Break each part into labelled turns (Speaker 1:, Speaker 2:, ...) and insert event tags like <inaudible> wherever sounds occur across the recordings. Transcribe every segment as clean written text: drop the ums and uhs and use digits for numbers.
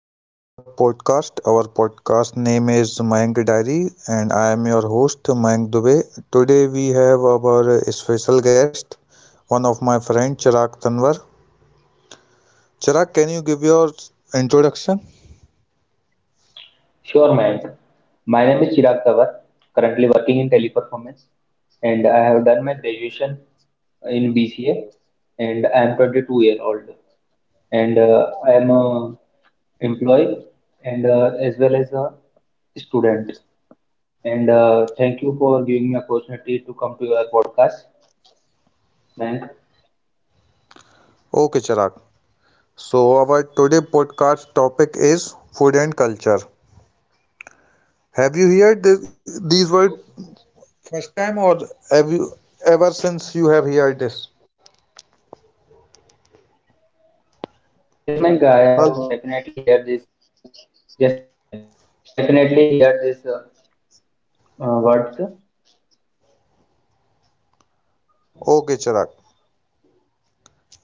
Speaker 1: welcome to our podcast. Our podcast name is Mayank Diary and I am your host Mayank Dubey. Today we have our special guest, one of my friend Chirag Tanwar. Chirag, can you give your introduction?
Speaker 2: Sure, Mayank. My name is Chirag Tawar, currently working in teleperformance, and I have done my graduation in BCA, and I am 22-year-old, and I am a employee and as well as a student. And thank you for giving me opportunity to come to your podcast, Mayank.
Speaker 1: Okay, Chirag. So our today podcast topic is food and culture. Have you heard these words first time, or have you ever since you have heard this?
Speaker 2: Yes, Mayank, I
Speaker 1: Hello.
Speaker 2: have definitely heard this. Yes, yes, Mayank. I definitely hear these words.
Speaker 1: Okay, Chirag,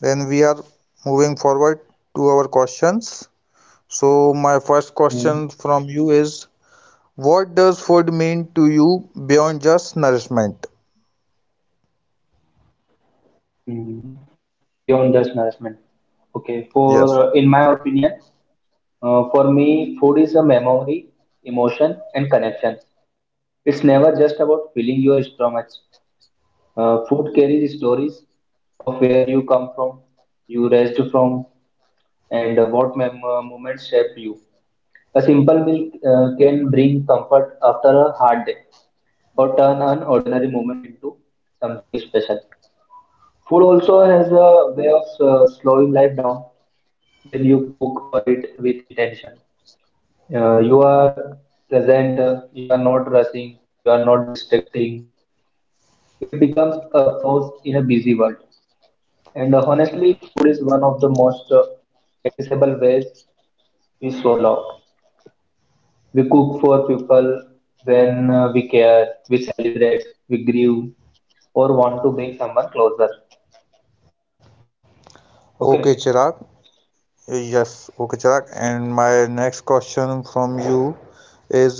Speaker 1: then we are moving forward to our questions, so my first
Speaker 2: Hmm.
Speaker 1: question from you is, what does food mean to you beyond just nourishment?
Speaker 2: Mm, Beyond just nourishment. Okay,
Speaker 1: Yes.
Speaker 2: for in my opinion, for me, food is a memory, emotion, and connection. It's never just about filling your stomach. Food carries stories of where you come from, you raised from, and what moments shaped you. A simple meal can bring comfort after a hard day, or turn an ordinary moment into something special. Food also has a way of slowing life down when you cook or eat with intention. You are present, you are not rushing, you are not distracting. It becomes a pause in a busy world. And honestly, food is one of the most accessible ways we show love. We cook for people when we care, we celebrate, we grieve, or want to bring someone closer.
Speaker 1: Okay,
Speaker 2: Okay.
Speaker 1: Chirag. Yes. Okay, Chirag, and my next question from you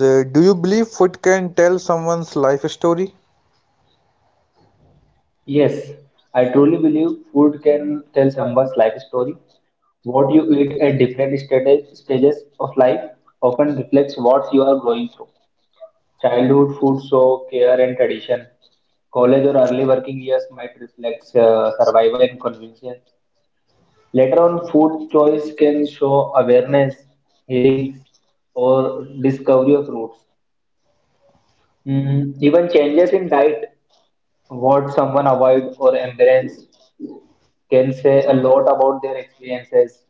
Speaker 1: is, do you believe food can tell someone's life story?
Speaker 2: Yes, I truly believe food can tell someone's life story. What you eat at different stages of life often reflects what you are going through. Childhood food, show care and tradition. College or early working years might reflect survival and convenience. Later on, food choice can show awareness, healings, or discovery of roots. Even changes in diet, what someone avoid or embrace, can say a lot about their experiences.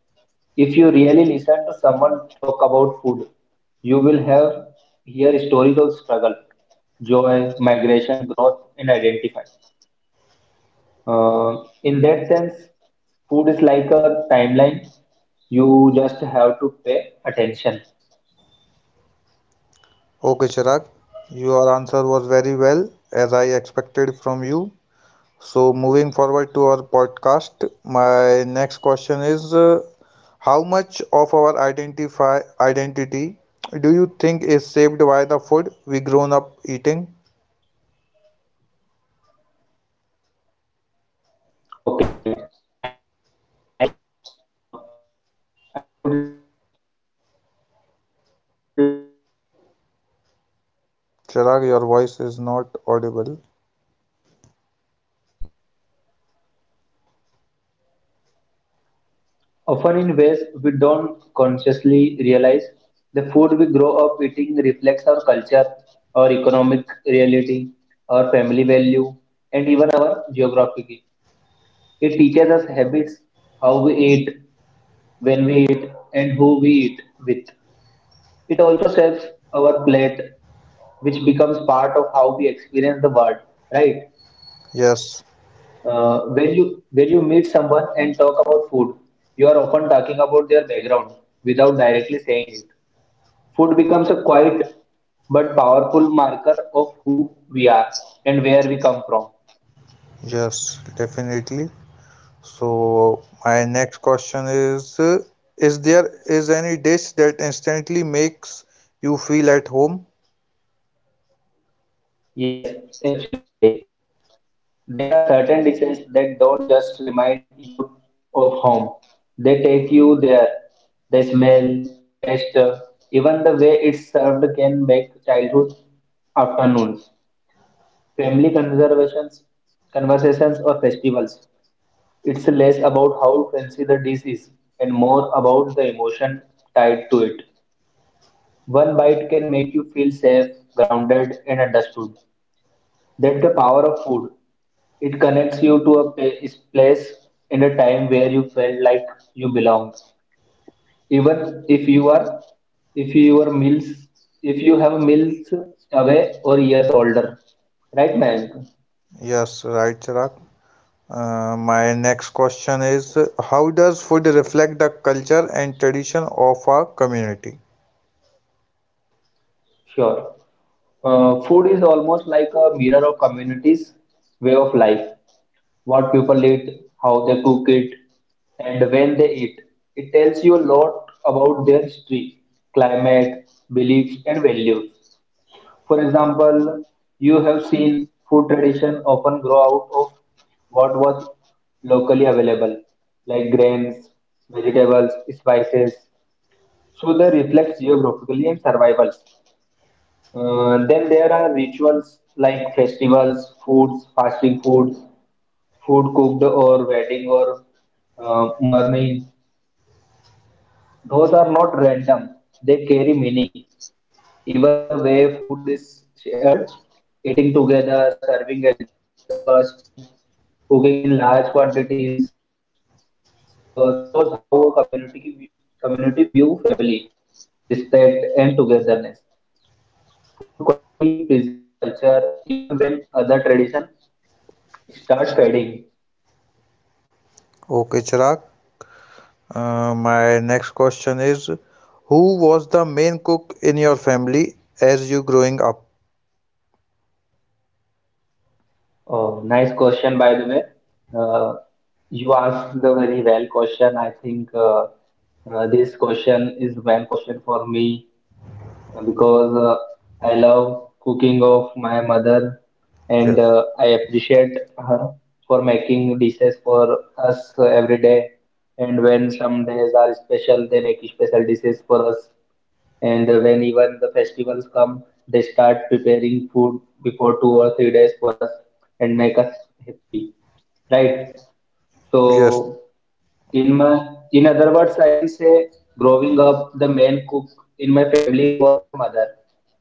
Speaker 2: If you really listen to someone talk about food, you will have hear stories of struggle, joy, migration, growth, and identify. In that sense, food is like a timeline. You just have to pay attention.
Speaker 1: Okay, Chirag, your answer was very well, as I expected from you. So moving forward to our podcast, my next question is, how much of our identify identity do you think is shaped by the food we grown up eating?
Speaker 2: Okay, man. Nice question. Uh, I would like to answer this question, in a way like I think
Speaker 1: Chirag,
Speaker 2: food
Speaker 1: your
Speaker 2: plays a
Speaker 1: voice is
Speaker 2: huge role
Speaker 1: not
Speaker 2: in shaping our
Speaker 1: audible.
Speaker 2: identity, right? Often in ways we don't consciously realize, the food we grow up eating reflects our culture, our economic reality, our family value, and even our geography. It teaches us habits, how we eat, when we eat, and who we eat with. It also shapes our plate, which becomes part of how we experience the world, right?
Speaker 1: Yes,
Speaker 2: When you meet someone and talk about food, you are often talking about their background without directly saying it. Food becomes a quiet but powerful marker of who we are and where we come from.
Speaker 1: yes, definitely. So my next question is: is there is any dish that instantly makes you feel at home?
Speaker 2: Yes, absolutely. There are certain dishes that don't just remind you of home. They take you there. The smell, the taste, even the way it's served can make childhood afternoons, family conversations, or festivals. It's less about how fancy the dish is and more about the emotion tied to it. One bite can make you feel safe, grounded, and understood. That's the power of food. It connects you to a place in a time where you felt like you belonged. Even if your meals, if you have meals away or years older, right, Mayank?
Speaker 1: Yes, right, Chirag. My next question is: how does food reflect the culture and tradition of our community?
Speaker 2: Sure. Food is almost like a mirror of communities' way of life. What people eat, how they cook it, and when they eat. It tells you a lot about their history, climate, beliefs, and values. For example, you have seen food tradition often grow out of what was locally available, like grains, vegetables, spices. So they reflect geographically and survivals. Then there are rituals like festivals, foods, fasting foods, food cooked or wedding or mourning. Those are not random. They carry meanings. Even the way food is shared, eating together, serving elders first, cooking in large quantities, so shows how a community view family, respect and togetherness. Food quietly preserve culture even when other tradition start padding.
Speaker 1: Okay, Chirag. My next question is, who was the main cook in your family as you growing up?
Speaker 2: Oh, nice question, by the way. Uh, you asked the very well question. I think this question is well question for me because I love cooking of my mother and
Speaker 1: Yes,
Speaker 2: I appreciate her for making dishes for us every day. And when some days are special, they make special dishes for us. And when even the festivals come, they start preparing food before 2 or 3 days for us and make us happy, right?
Speaker 1: yes,
Speaker 2: So in my, in other words, I can say growing up, the main cook in my family was my mother.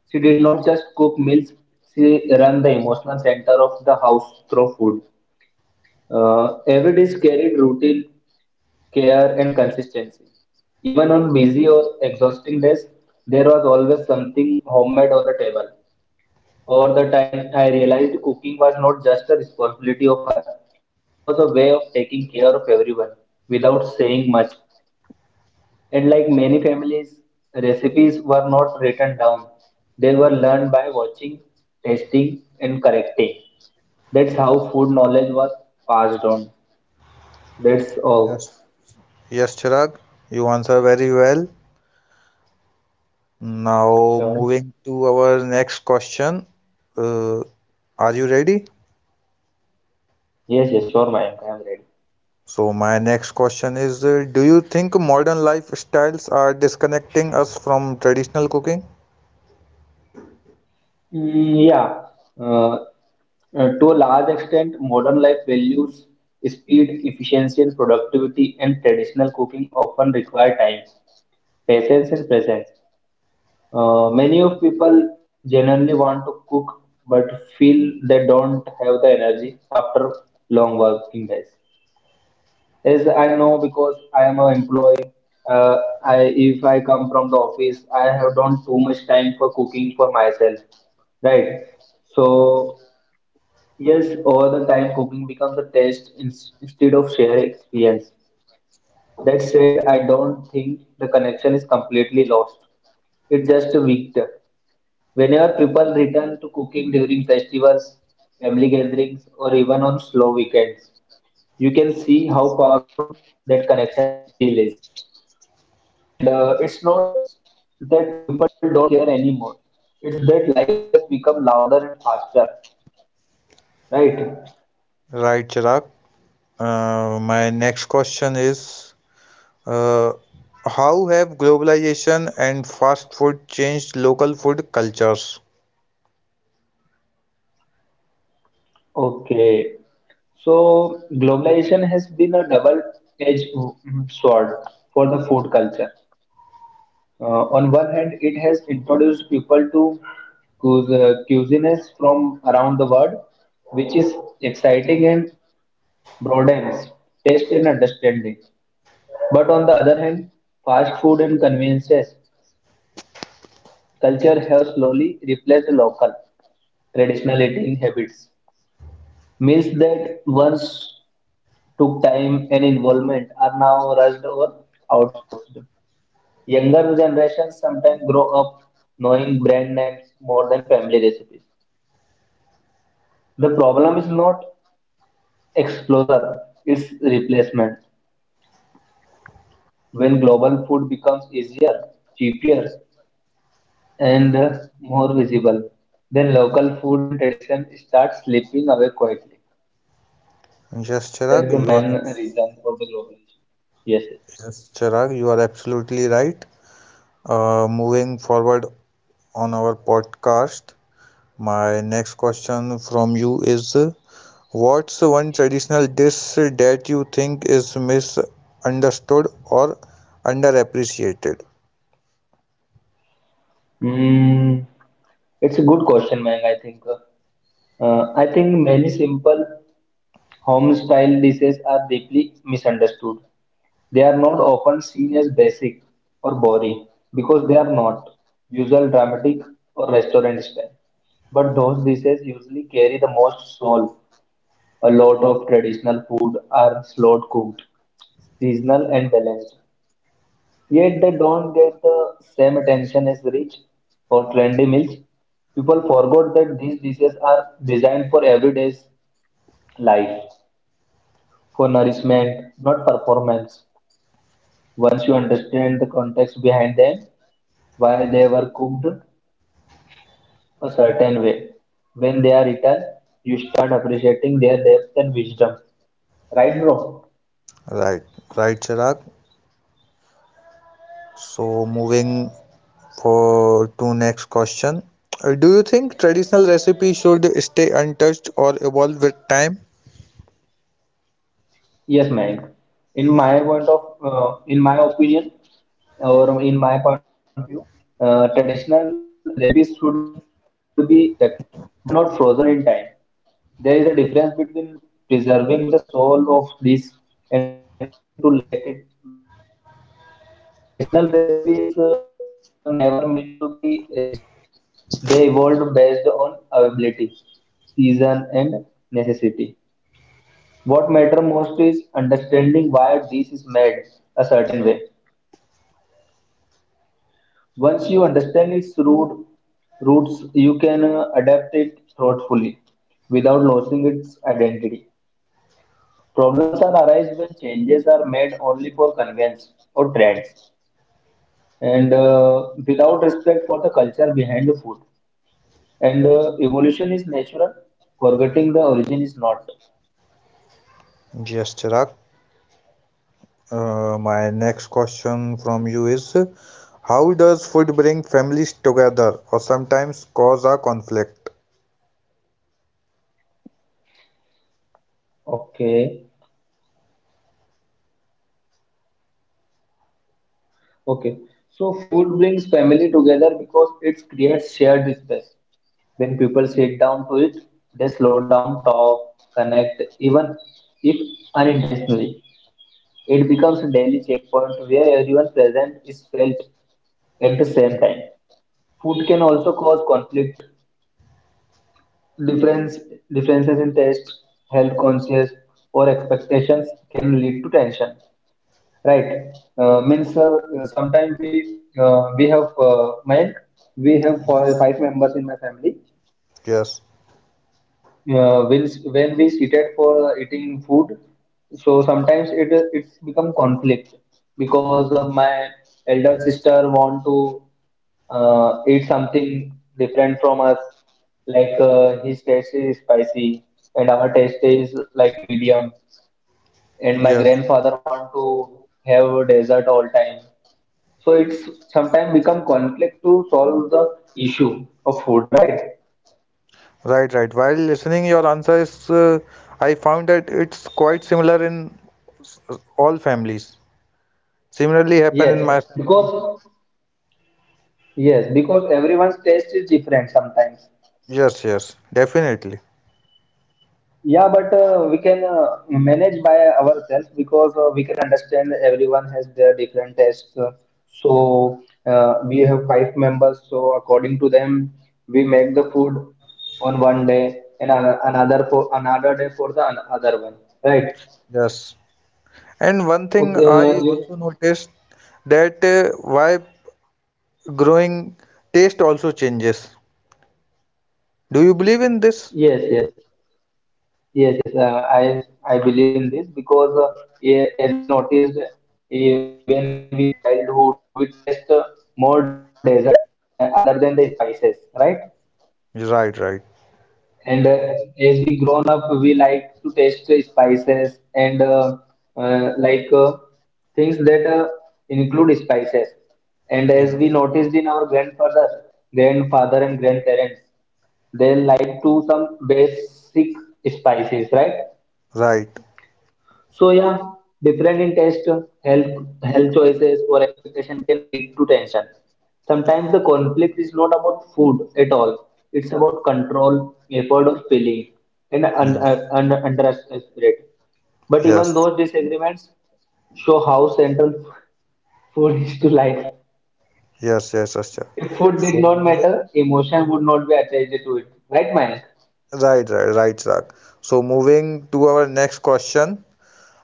Speaker 2: She did not just cook meals, she ran the emotional center of the house through food. Every dish carried routine, care and consistency. Even on busy or exhausting days, there was always something homemade on the table. Over the time, I realized cooking was not just a responsibility of her, it was a way of taking care of everyone without saying much. And like many families, recipes were not written down, they were learned by watching, tasting, and correcting. That's how food knowledge was passed on. That's all.
Speaker 1: yes, yes, Chirag, you answer very well. Now
Speaker 2: Sure.
Speaker 1: moving to our next question. Uh, are you ready?
Speaker 2: Yes, yes, sure, Mayank. I am ready.
Speaker 1: So my next question is, do you think modern lifestyles are disconnecting us from traditional cooking?
Speaker 2: Yeah, uh, to a large extent, modern life values speed, efficiency, and productivity, and traditional cooking often require time, patience, and presence. Many of people generally want to cook but feel they don't have the energy after long working days. As I know, because I am an employee, uh, I if I come from the office, I have done too much time for cooking for myself, right? So yes, over the time, cooking becomes a instead of shared experience. That said, I don't think the connection is completely lost. It's just a weaker. Whenever people return to cooking during festivals, family gatherings, or even on slow weekends, you can see how powerful that connection still is. And it's not that people don't care anymore. It's that life has become louder and faster, right?
Speaker 1: Right, Chirag. My next question is, Uh, how have globalization and fast food changed local food cultures?
Speaker 2: Okay. So globalization has been a double-edged sword for the food culture. On one hand, it has introduced people to cuisines from around the world, which is exciting and broadens taste and understanding. But on the other hand, fast food and conveniences culture have slowly replaced local traditional eating habits. Meals that once took time and involvement are now rushed or outsourced. Younger generations sometimes grow up knowing brand names more than family recipes. The problem is not exposure, it's replacement. When global food becomes easier, cheaper, and more visible, then local food and tradition start slipping away quietly.
Speaker 1: Yes, Chirag,
Speaker 2: That's the
Speaker 1: you
Speaker 2: main
Speaker 1: are
Speaker 2: reason for the global issue. Yes.
Speaker 1: yes, Chirag, you are absolutely right. Moving forward on our podcast, my next question from you is, what's one traditional dish that you think is misunderstood or underappreciated?
Speaker 2: Mm, it's a good question, Mang, I think. I think many simple home style dishes are deeply misunderstood. They are not often seen as basic or boring because they are not usual dramatic or restaurant style. But those dishes usually carry the most soul. A lot of traditional food are slow cooked, seasonal and balanced. Yet they don't get the same attention as rich or trendy meals. People forgot that these dishes are designed for everyday life, for nourishment, not performance. Once you understand the context behind them, why they were cooked a certain way, when they are eaten, you start appreciating their depth and wisdom. Right, bro?
Speaker 1: Right, right, Chirag. So moving for to next question. Do you think traditional recipes should stay untouched or evolve with time?
Speaker 2: Yes, Mayank. In my point of, in my opinion, or in my point of view, traditional recipes should be respected, but not frozen in time. There is a difference between preserving the soul of dish and refusing to let it breathe. Traditional recipes were never meant to be rigid. They evolved based on availability, season, and necessity. What matters most is understanding why this is made a certain way. Once you understand its roots, you can adapt it thoughtfully without losing its identity. Problems are arise when changes are made only for convenience or trends and without respect for the culture behind the food. And evolution is natural, forgetting the origin is not.
Speaker 1: Yes, Chirag. My next question from you is, how does food bring families together or sometimes cause a conflict?
Speaker 2: Okay. Okay, so food brings family together because it creates shared space. When people sit down to it, they slow down, talk, connect, even if unintentionally. It becomes a daily checkpoint where everyone present is felt at the same time. Food can also cause conflict, difference, differences in taste, health conscious, or expectations can lead to tension. Right. Means Sometimes we have four,
Speaker 1: Yes.
Speaker 2: five members in my family.
Speaker 1: Yes.
Speaker 2: When we seated for eating food, so sometimes it's become conflict because
Speaker 1: Yes.
Speaker 2: my elder sister want to eat something different from us, like his taste is spicy and our taste is like medium, and my
Speaker 1: Yes.
Speaker 2: grandfather want to have desert all time. So it's sometimes become conflict to solve the issue of food, right?
Speaker 1: Right, right. While listening, your answer is, I found that it's quite similar in s- all families. Similarly happen in my
Speaker 2: Yes,
Speaker 1: family.
Speaker 2: because yes, because everyone's taste is different sometimes.
Speaker 1: Yes, yes. Definitely.
Speaker 2: Yeah, but we can manage by ourselves because we can understand everyone has their different tastes. So we have five members. So according to them, we make the food on one day and another for another day for the other one. Right?
Speaker 1: Yes. And one thing
Speaker 2: Okay.
Speaker 1: I also noticed, that why growing taste also changes. Do you believe in this?
Speaker 2: Yes. Yes. Yes, yes, I believe in this because yeah, as we noticed, when we are in childhood, we taste more dessert like, other than the spices, right?
Speaker 1: Right, right.
Speaker 2: And as we grown up, we like to taste the spices and like things that include spices. And as
Speaker 1: Yes.
Speaker 2: we noticed in our grandfather and grandparents, they like to some basic spices, right?
Speaker 1: Right.
Speaker 2: So yeah, different in taste, health, health choices or expectation can lead to tension. Sometimes the conflict is not about food at all. It's about control, effort of feeling, and
Speaker 1: Yes.
Speaker 2: under spirit. But even
Speaker 1: Yes.
Speaker 2: those disagreements show how central <laughs> food is to life.
Speaker 1: Yes, yes, yes, yes.
Speaker 2: If food did
Speaker 1: So
Speaker 2: not
Speaker 1: moving
Speaker 2: matter, emotion would not be attached to it. Right, Mayank?
Speaker 1: Right, right, right, Zak. So moving to our next question.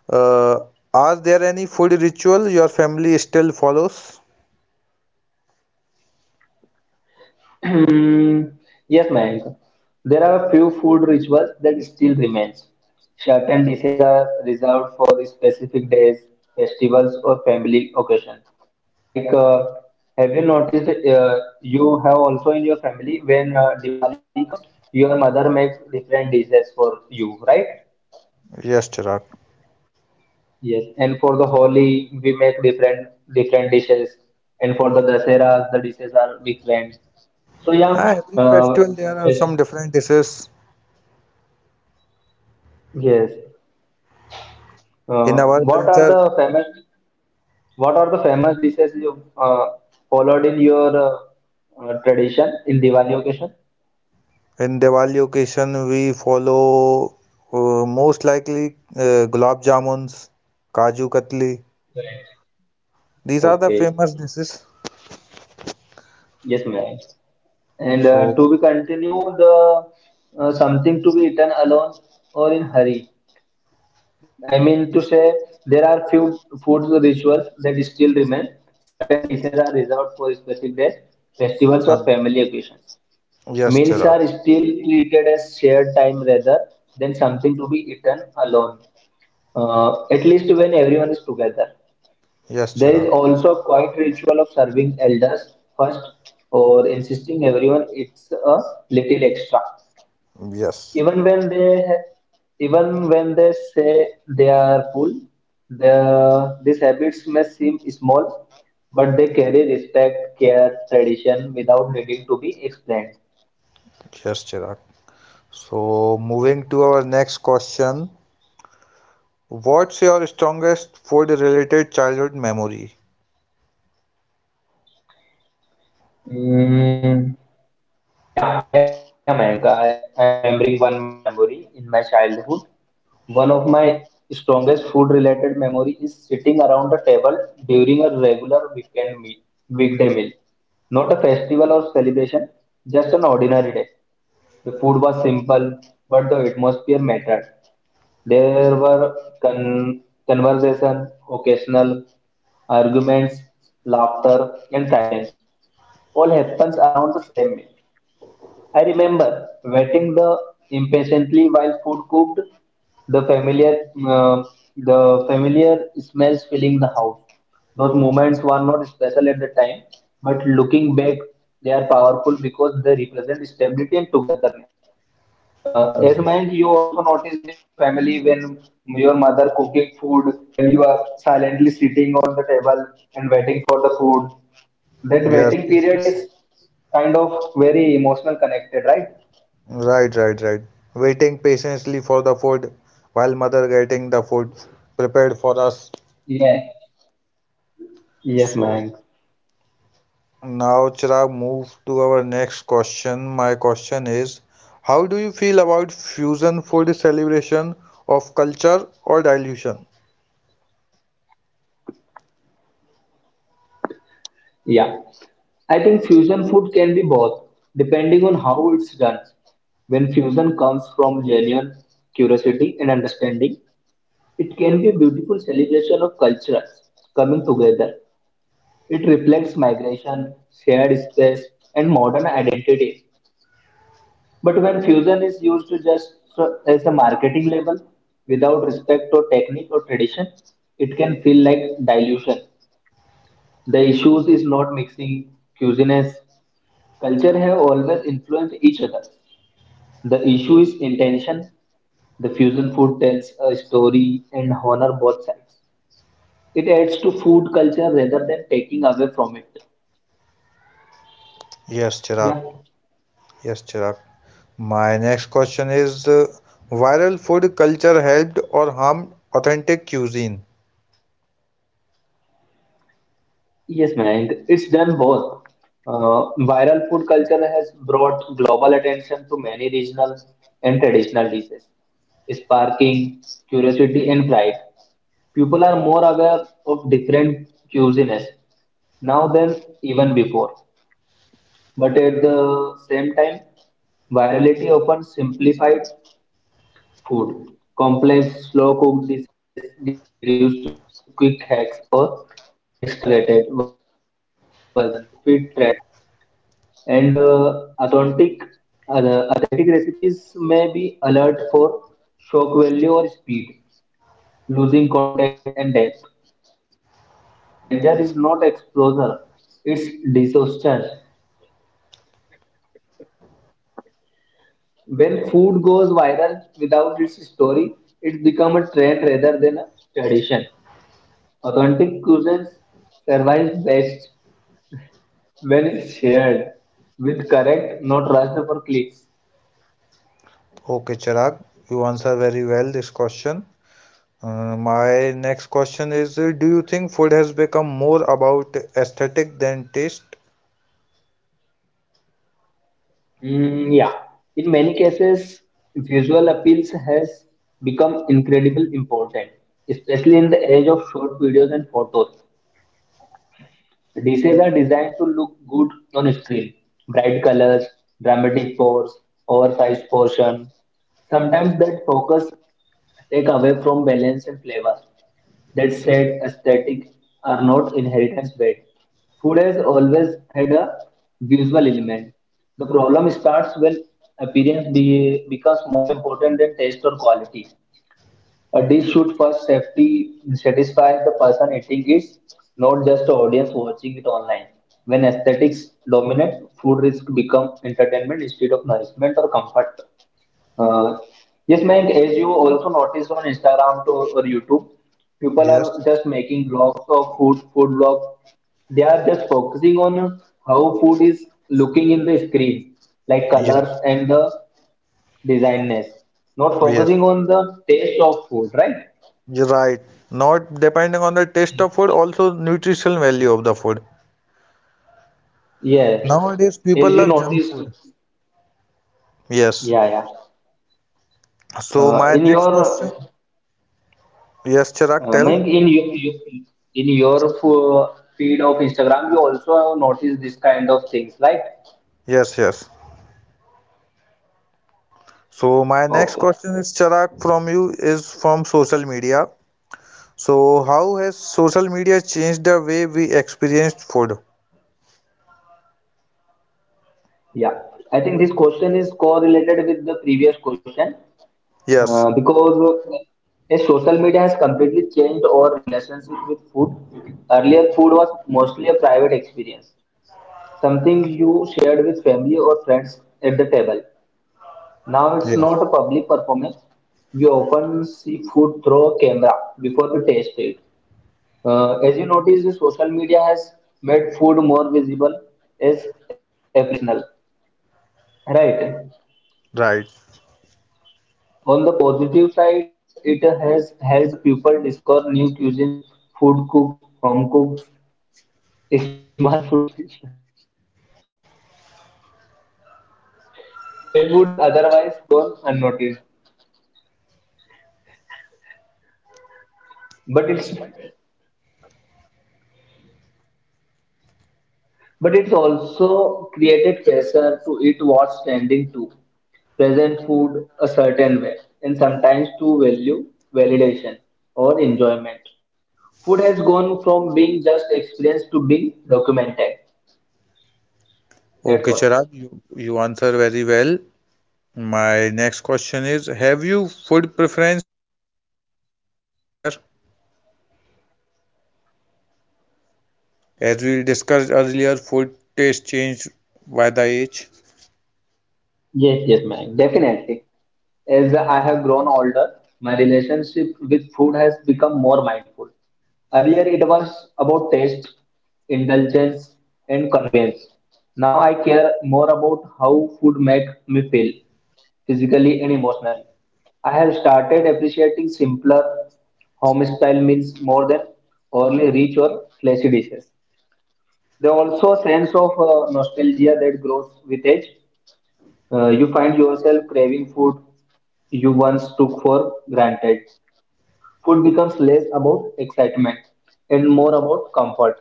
Speaker 1: Uh, are there any food ritual your family still follows?
Speaker 2: Hmm, yes, Mayank. There are a few food rituals that still remains. Certain dishes are reserved for specific days, festivals, or family occasion. Like, have you noticed? You have also in your family when Diwali comes, your mother make different dishes for you, right?
Speaker 1: Yes, Chirag.
Speaker 2: Yes, and for the Holi, we make different dishes, and for the Dasera, the dishes are different. So
Speaker 1: Ah,
Speaker 2: yeah,
Speaker 1: every festival there are
Speaker 2: yes.
Speaker 1: some different dishes
Speaker 2: Yes.
Speaker 1: in our
Speaker 2: What are
Speaker 1: culture.
Speaker 2: the famous what are the famous dishes you followed in your tradition in Diwali occasion?
Speaker 1: In Diwali occasion we follow most likely gulab jamuns, kaju katli. These are the
Speaker 2: Okay.
Speaker 1: famous dishes.
Speaker 2: Yes, ma'am. And
Speaker 1: So,
Speaker 2: to be continue the something to be eaten alone or in hurry. I mean to say there are few food rituals that still remain. Certain dishes are reserved for special days, festivals or
Speaker 1: huh.
Speaker 2: family occasions.
Speaker 1: Yes,
Speaker 2: Meals
Speaker 1: Chirag.
Speaker 2: are still treated as shared time rather than something to be eaten alone, at least when everyone is together.
Speaker 1: Yes,
Speaker 2: There is
Speaker 1: Chirag.
Speaker 2: also a quiet ritual of serving elders first or insisting everyone eats a little extra.
Speaker 1: Yes,
Speaker 2: Even when they even when they say they are full, these habits may seem small, but they carry respect, care, tradition without needing to be explained.
Speaker 1: yes, Chirag. So, moving to our next question. What's your strongest food-related childhood memory?
Speaker 2: Mm, yeah, yeah, Mayank. I am remembering one my memory in my childhood. One of my strongest food-related memory is sitting around the table during a regular weekend meal, weekday meal. Not a festival or celebration, just an ordinary day. The food was simple, but the atmosphere mattered. There were con conversation, occasional arguments, laughter, and silence all happens around the same meal. I remember waiting the impatiently while food cooked, the familiar uh, smells filling the house. Those moments were not special at the time, but looking back, they are powerful because they represent stability and togetherness. As Mayank, you also noticed in your family when your mother cooking food and you are silently sitting on the table and waiting for the food. That
Speaker 1: Yes.
Speaker 2: waiting period is kind of very emotional connected, right?
Speaker 1: Right, right, right. Waiting patiently for the food while mother getting the food prepared for us.
Speaker 2: Yeah, yes, man.
Speaker 1: So, now, Chirag, move to our next question. My question is, how do you feel about fusion food celebration of culture or dilution?
Speaker 2: Yeah, I think fusion food can be both, depending on how it's done. When fusion comes from genuine curiosity and understanding, it can be a beautiful celebration of cultures coming together. It reflects migration, shared space, and modern identities. But when fusion is used to just as a marketing label, without respect or technique or tradition, it can feel like dilution. The issues is not mixing cuisines. Culture have always influenced each other. The issue is intention. The fusion food tells a story and honor both sides. It adds to food culture rather than taking away from it.
Speaker 1: Yes, Chirag.
Speaker 2: Yeah.
Speaker 1: Yes, Chirag. My next question is, viral food culture helped or harmed authentic cuisine?
Speaker 2: Yes, Mayank, it's done both. Viral food culture has brought global attention to many regional and traditional dishes, sparking curiosity and pride. People are more aware of different cuisines now than even before. But at the same time, virality often simplified food. Complex, slow cooked dishes get reduced to quick hacks or extragated versions to fit trends. And uh, authentic recipes may be alert for shock value or speed, losing context and depth. The danger is not exposure, it's disaster. When food goes viral without its story, it becomes a trend rather than a tradition. Authentic cuisines survive best when it's shared with correct, not rushed for clicks.
Speaker 1: Okay, Chirag, you answer very well this question. My next question is, do you think food has become more about aesthetic than taste?
Speaker 2: Mm, yeah. In many cases, visual appeals has become incredibly important, especially in the age of short videos and photos. Dishes are designed to look good on screen. Bright colors, dramatic pores, oversized portion. Sometimes that focus take away from balance and flavor. That said, aesthetic are not inheritance weight. Food has always had a visual element. The problem starts when appearance becomes more important than taste or quality. A dish should first safety, satisfy the person eating it, not just the audience watching it online. When aesthetics dominate, food risk become entertainment instead of nourishment or comfort. Uh, yes, Mayank, as you also notice on Instagram to, or YouTube, people are
Speaker 1: Yes.
Speaker 2: just making vlogs of food, food vlogs. They are just focusing on how food is looking in the screen, like colors
Speaker 1: Yes.
Speaker 2: and the designness, not
Speaker 1: Yes.
Speaker 2: focusing on the taste of food, right?
Speaker 1: You're right. Not depending on the taste of food, also nutritional value of the food.
Speaker 2: Yes,
Speaker 1: Nowadays, people
Speaker 2: as you
Speaker 1: love junk
Speaker 2: noticed,
Speaker 1: food. Yes.
Speaker 2: yeah, yeah.
Speaker 1: So
Speaker 2: Uh,
Speaker 1: my
Speaker 2: in
Speaker 1: next question.
Speaker 2: your,
Speaker 1: Yes, Chirag, tell.
Speaker 2: Mayank, in your feed of Instagram, you also notice this kind of things, like
Speaker 1: Yes, yes. So my next
Speaker 2: okay,
Speaker 1: question is, Chirag, from you is from social media. So how has social media changed the way we experience food?
Speaker 2: yeah. I think this question is correlated with the previous question
Speaker 1: Yes.
Speaker 2: because as social media has completely changed our relationship with food. Earlier, food was mostly a private experience, something you shared with family or friends at the table. Now it's not
Speaker 1: Yes.
Speaker 2: a public performance. We often see food through camera before we taste it. As you notice, the social media has made food more visible as appreciational, right?
Speaker 1: Right.
Speaker 2: On the positive side, it has helped people discover new cuisines, food cooks, home cooks, <laughs> small food businesses <laughs> that would otherwise gone unnoticed. But it's But it's also created pressure to eat what's trending too, present food a certain way, and sometimes to value validation or enjoyment. Food has gone from being just experienced to being documented.
Speaker 1: Okay,
Speaker 2: That's
Speaker 1: Chirag,
Speaker 2: all.
Speaker 1: you answer very well. My next question is, have you food preference changed as you grown up elder? As we discussed earlier, food taste change by the age.
Speaker 2: Yes, yes, man, definitely. As I have grown older, my relationship with food has become more mindful. Earlier, it was about taste, indulgence, and convenience. Now, I care more about how food makes me feel, physically and emotionally. I have started appreciating simpler home style meals more than overly rich or flashy dishes. They also sense of nostalgia that grows with age. You find yourself craving food you once took for granted. Food becomes less about excitement and more about comfort,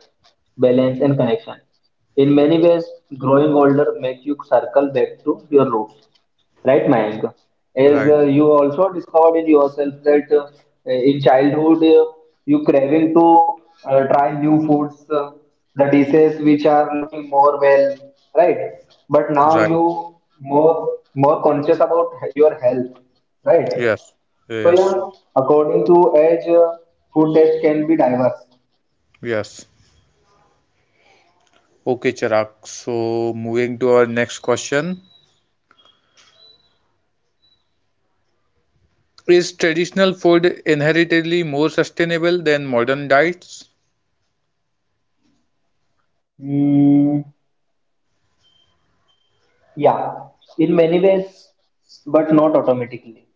Speaker 2: balance, and connection. In many ways, growing older makes you circle back to your roots. Right, Mayank? As
Speaker 1: Right,
Speaker 2: you also discovered in yourself that in childhood you craving to try new foods, the dishes which are looking more well, right? But now
Speaker 1: right.
Speaker 2: you more conscious about your health, right?
Speaker 1: Yes,
Speaker 2: So
Speaker 1: yes,
Speaker 2: yeah, according to age, food taste can be diverse.
Speaker 1: yes. Okay, Chirag. So, moving to our next question. Is traditional food inherently more sustainable than modern diets?
Speaker 2: Mm, yeah, in many ways, but not automatically.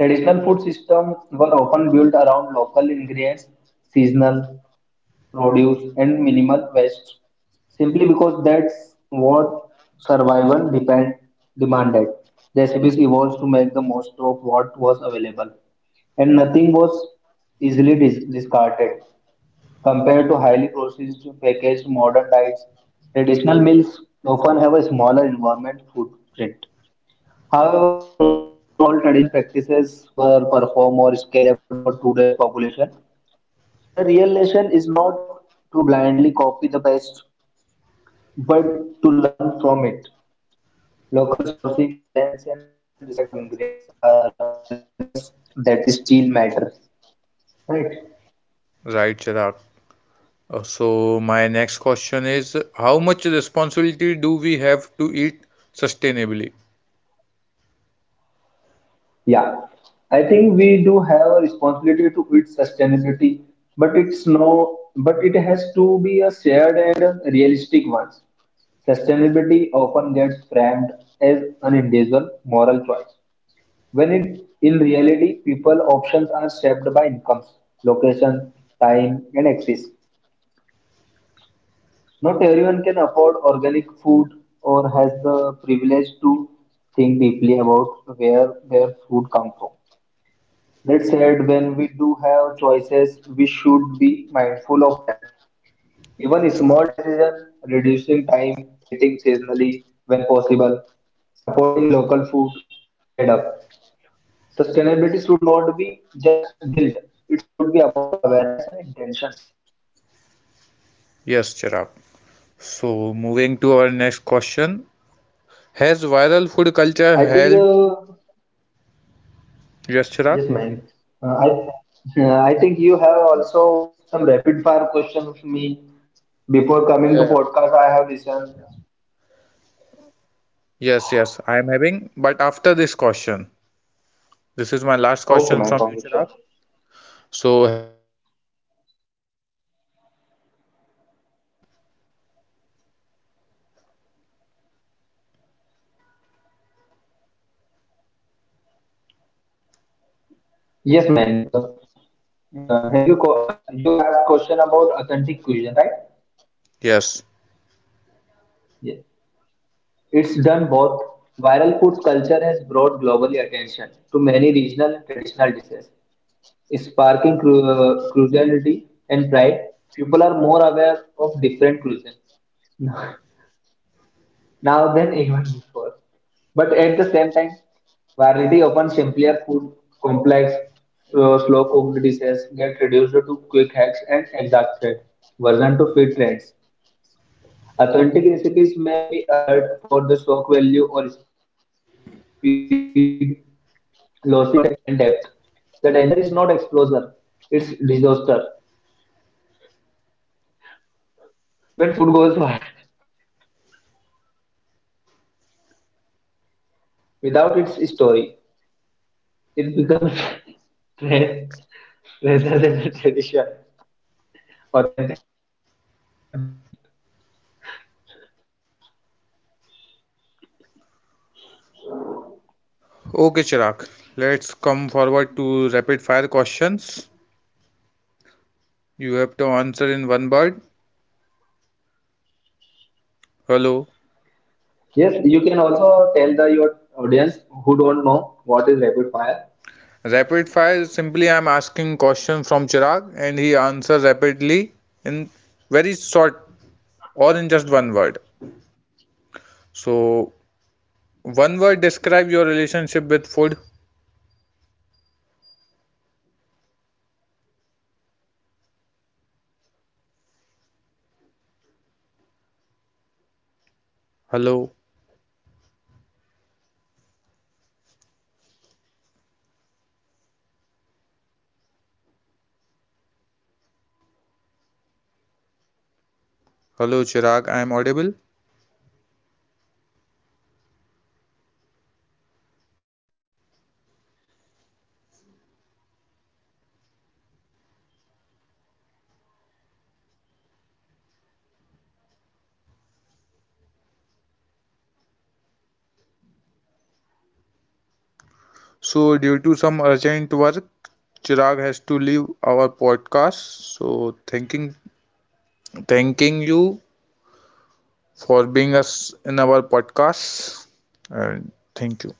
Speaker 2: Traditional food systems were often built around local ingredients, seasonal produce, and minimal waste, simply because that's what survival depend demanded. Recipes evolved to make the most of what was available, and nothing was easily discarded. Compared to highly processed packaged modern diets, traditional meals often have a smaller environmental footprint. However, not all traditional practices were performed or scalable for today's population. The real lesson is not to blindly copy the past, but to learn from it. Local sourcing, balance, and respect for ingredients are principles that still matter. Right.
Speaker 1: Right, Chirag. So, my next question is, how much responsibility do we have to eat sustainably?
Speaker 2: Yeah, I think we do have a responsibility to its sustainability, but it's no, but it has to be a shared and realistic one. Sustainability often gets framed as an individual moral choice, when it, in reality, people options are shaped by incomes, location, time, and access. Not everyone can afford organic food or has the privilege to think deeply about where their food comes from. That said, when we do have choices, we should be mindful of that. Even small decisions, reducing time, eating seasonally when possible, supporting local food, add up. Sustainability should not be just guilt. It should be about awareness and intentions.
Speaker 1: Yes, Chirag. So, moving to our next question, has viral food culture
Speaker 2: I think,
Speaker 1: helped?
Speaker 2: uh,
Speaker 1: Yes, Chirag.
Speaker 2: yes, man. Uh, I, I think you have also some rapid fire questions for me. Before coming to
Speaker 1: Yeah, yeah.
Speaker 2: podcast, I have listened.
Speaker 1: Yes, yes, I am having. But after this question, this is my last
Speaker 2: Okay,
Speaker 1: question
Speaker 2: man,
Speaker 1: from you, Chirag.
Speaker 2: congratulations.
Speaker 1: So, has viral food culture helped or harmed authentic cuisine?
Speaker 2: Yes, Manik. You asked question about authentic cuisine, right?
Speaker 1: Yes.
Speaker 2: Yes. It's done both. Viral foods culture has brought globally attention to many regional and traditional dishes, sparking curiosity and pride. People are more aware of different cuisine <laughs> now than <laughs> even before. But at the same time, variety often simpler food, complex, slow cooked dishes get reduced to quick hacks and exhausted version to fit trends. Authentic recipes may be alert for the shock value or speed, losing context and depth. The danger is not explosion, it's disaster. When food goes wild, without its story, it becomes <laughs> trend rather than a tradition. Authentic cuisine survived me. <laughs>
Speaker 1: Okay, Chirag. Let's come forward to rapid fire questions. You have to answer in one word. Hello.
Speaker 2: Yes, you can also tell the your audience who don't know what is rapid fire.
Speaker 1: Rapid fire is simply I'm asking question from Chirag and he answers rapidly in very short or in just one word. So, one word describe your
Speaker 2: Yeah, Mayank,
Speaker 1: relationship with
Speaker 2: I'm
Speaker 1: food.
Speaker 2: ready. Sure, Mayank, we can
Speaker 1: Hello.
Speaker 2: continue. Let me Give me 10 seconds.
Speaker 1: Hello, Chirag. I am audible. So, due to some urgent work, Chirag has to leave our podcast. So, thanking you for being us in our podcast, and thank you.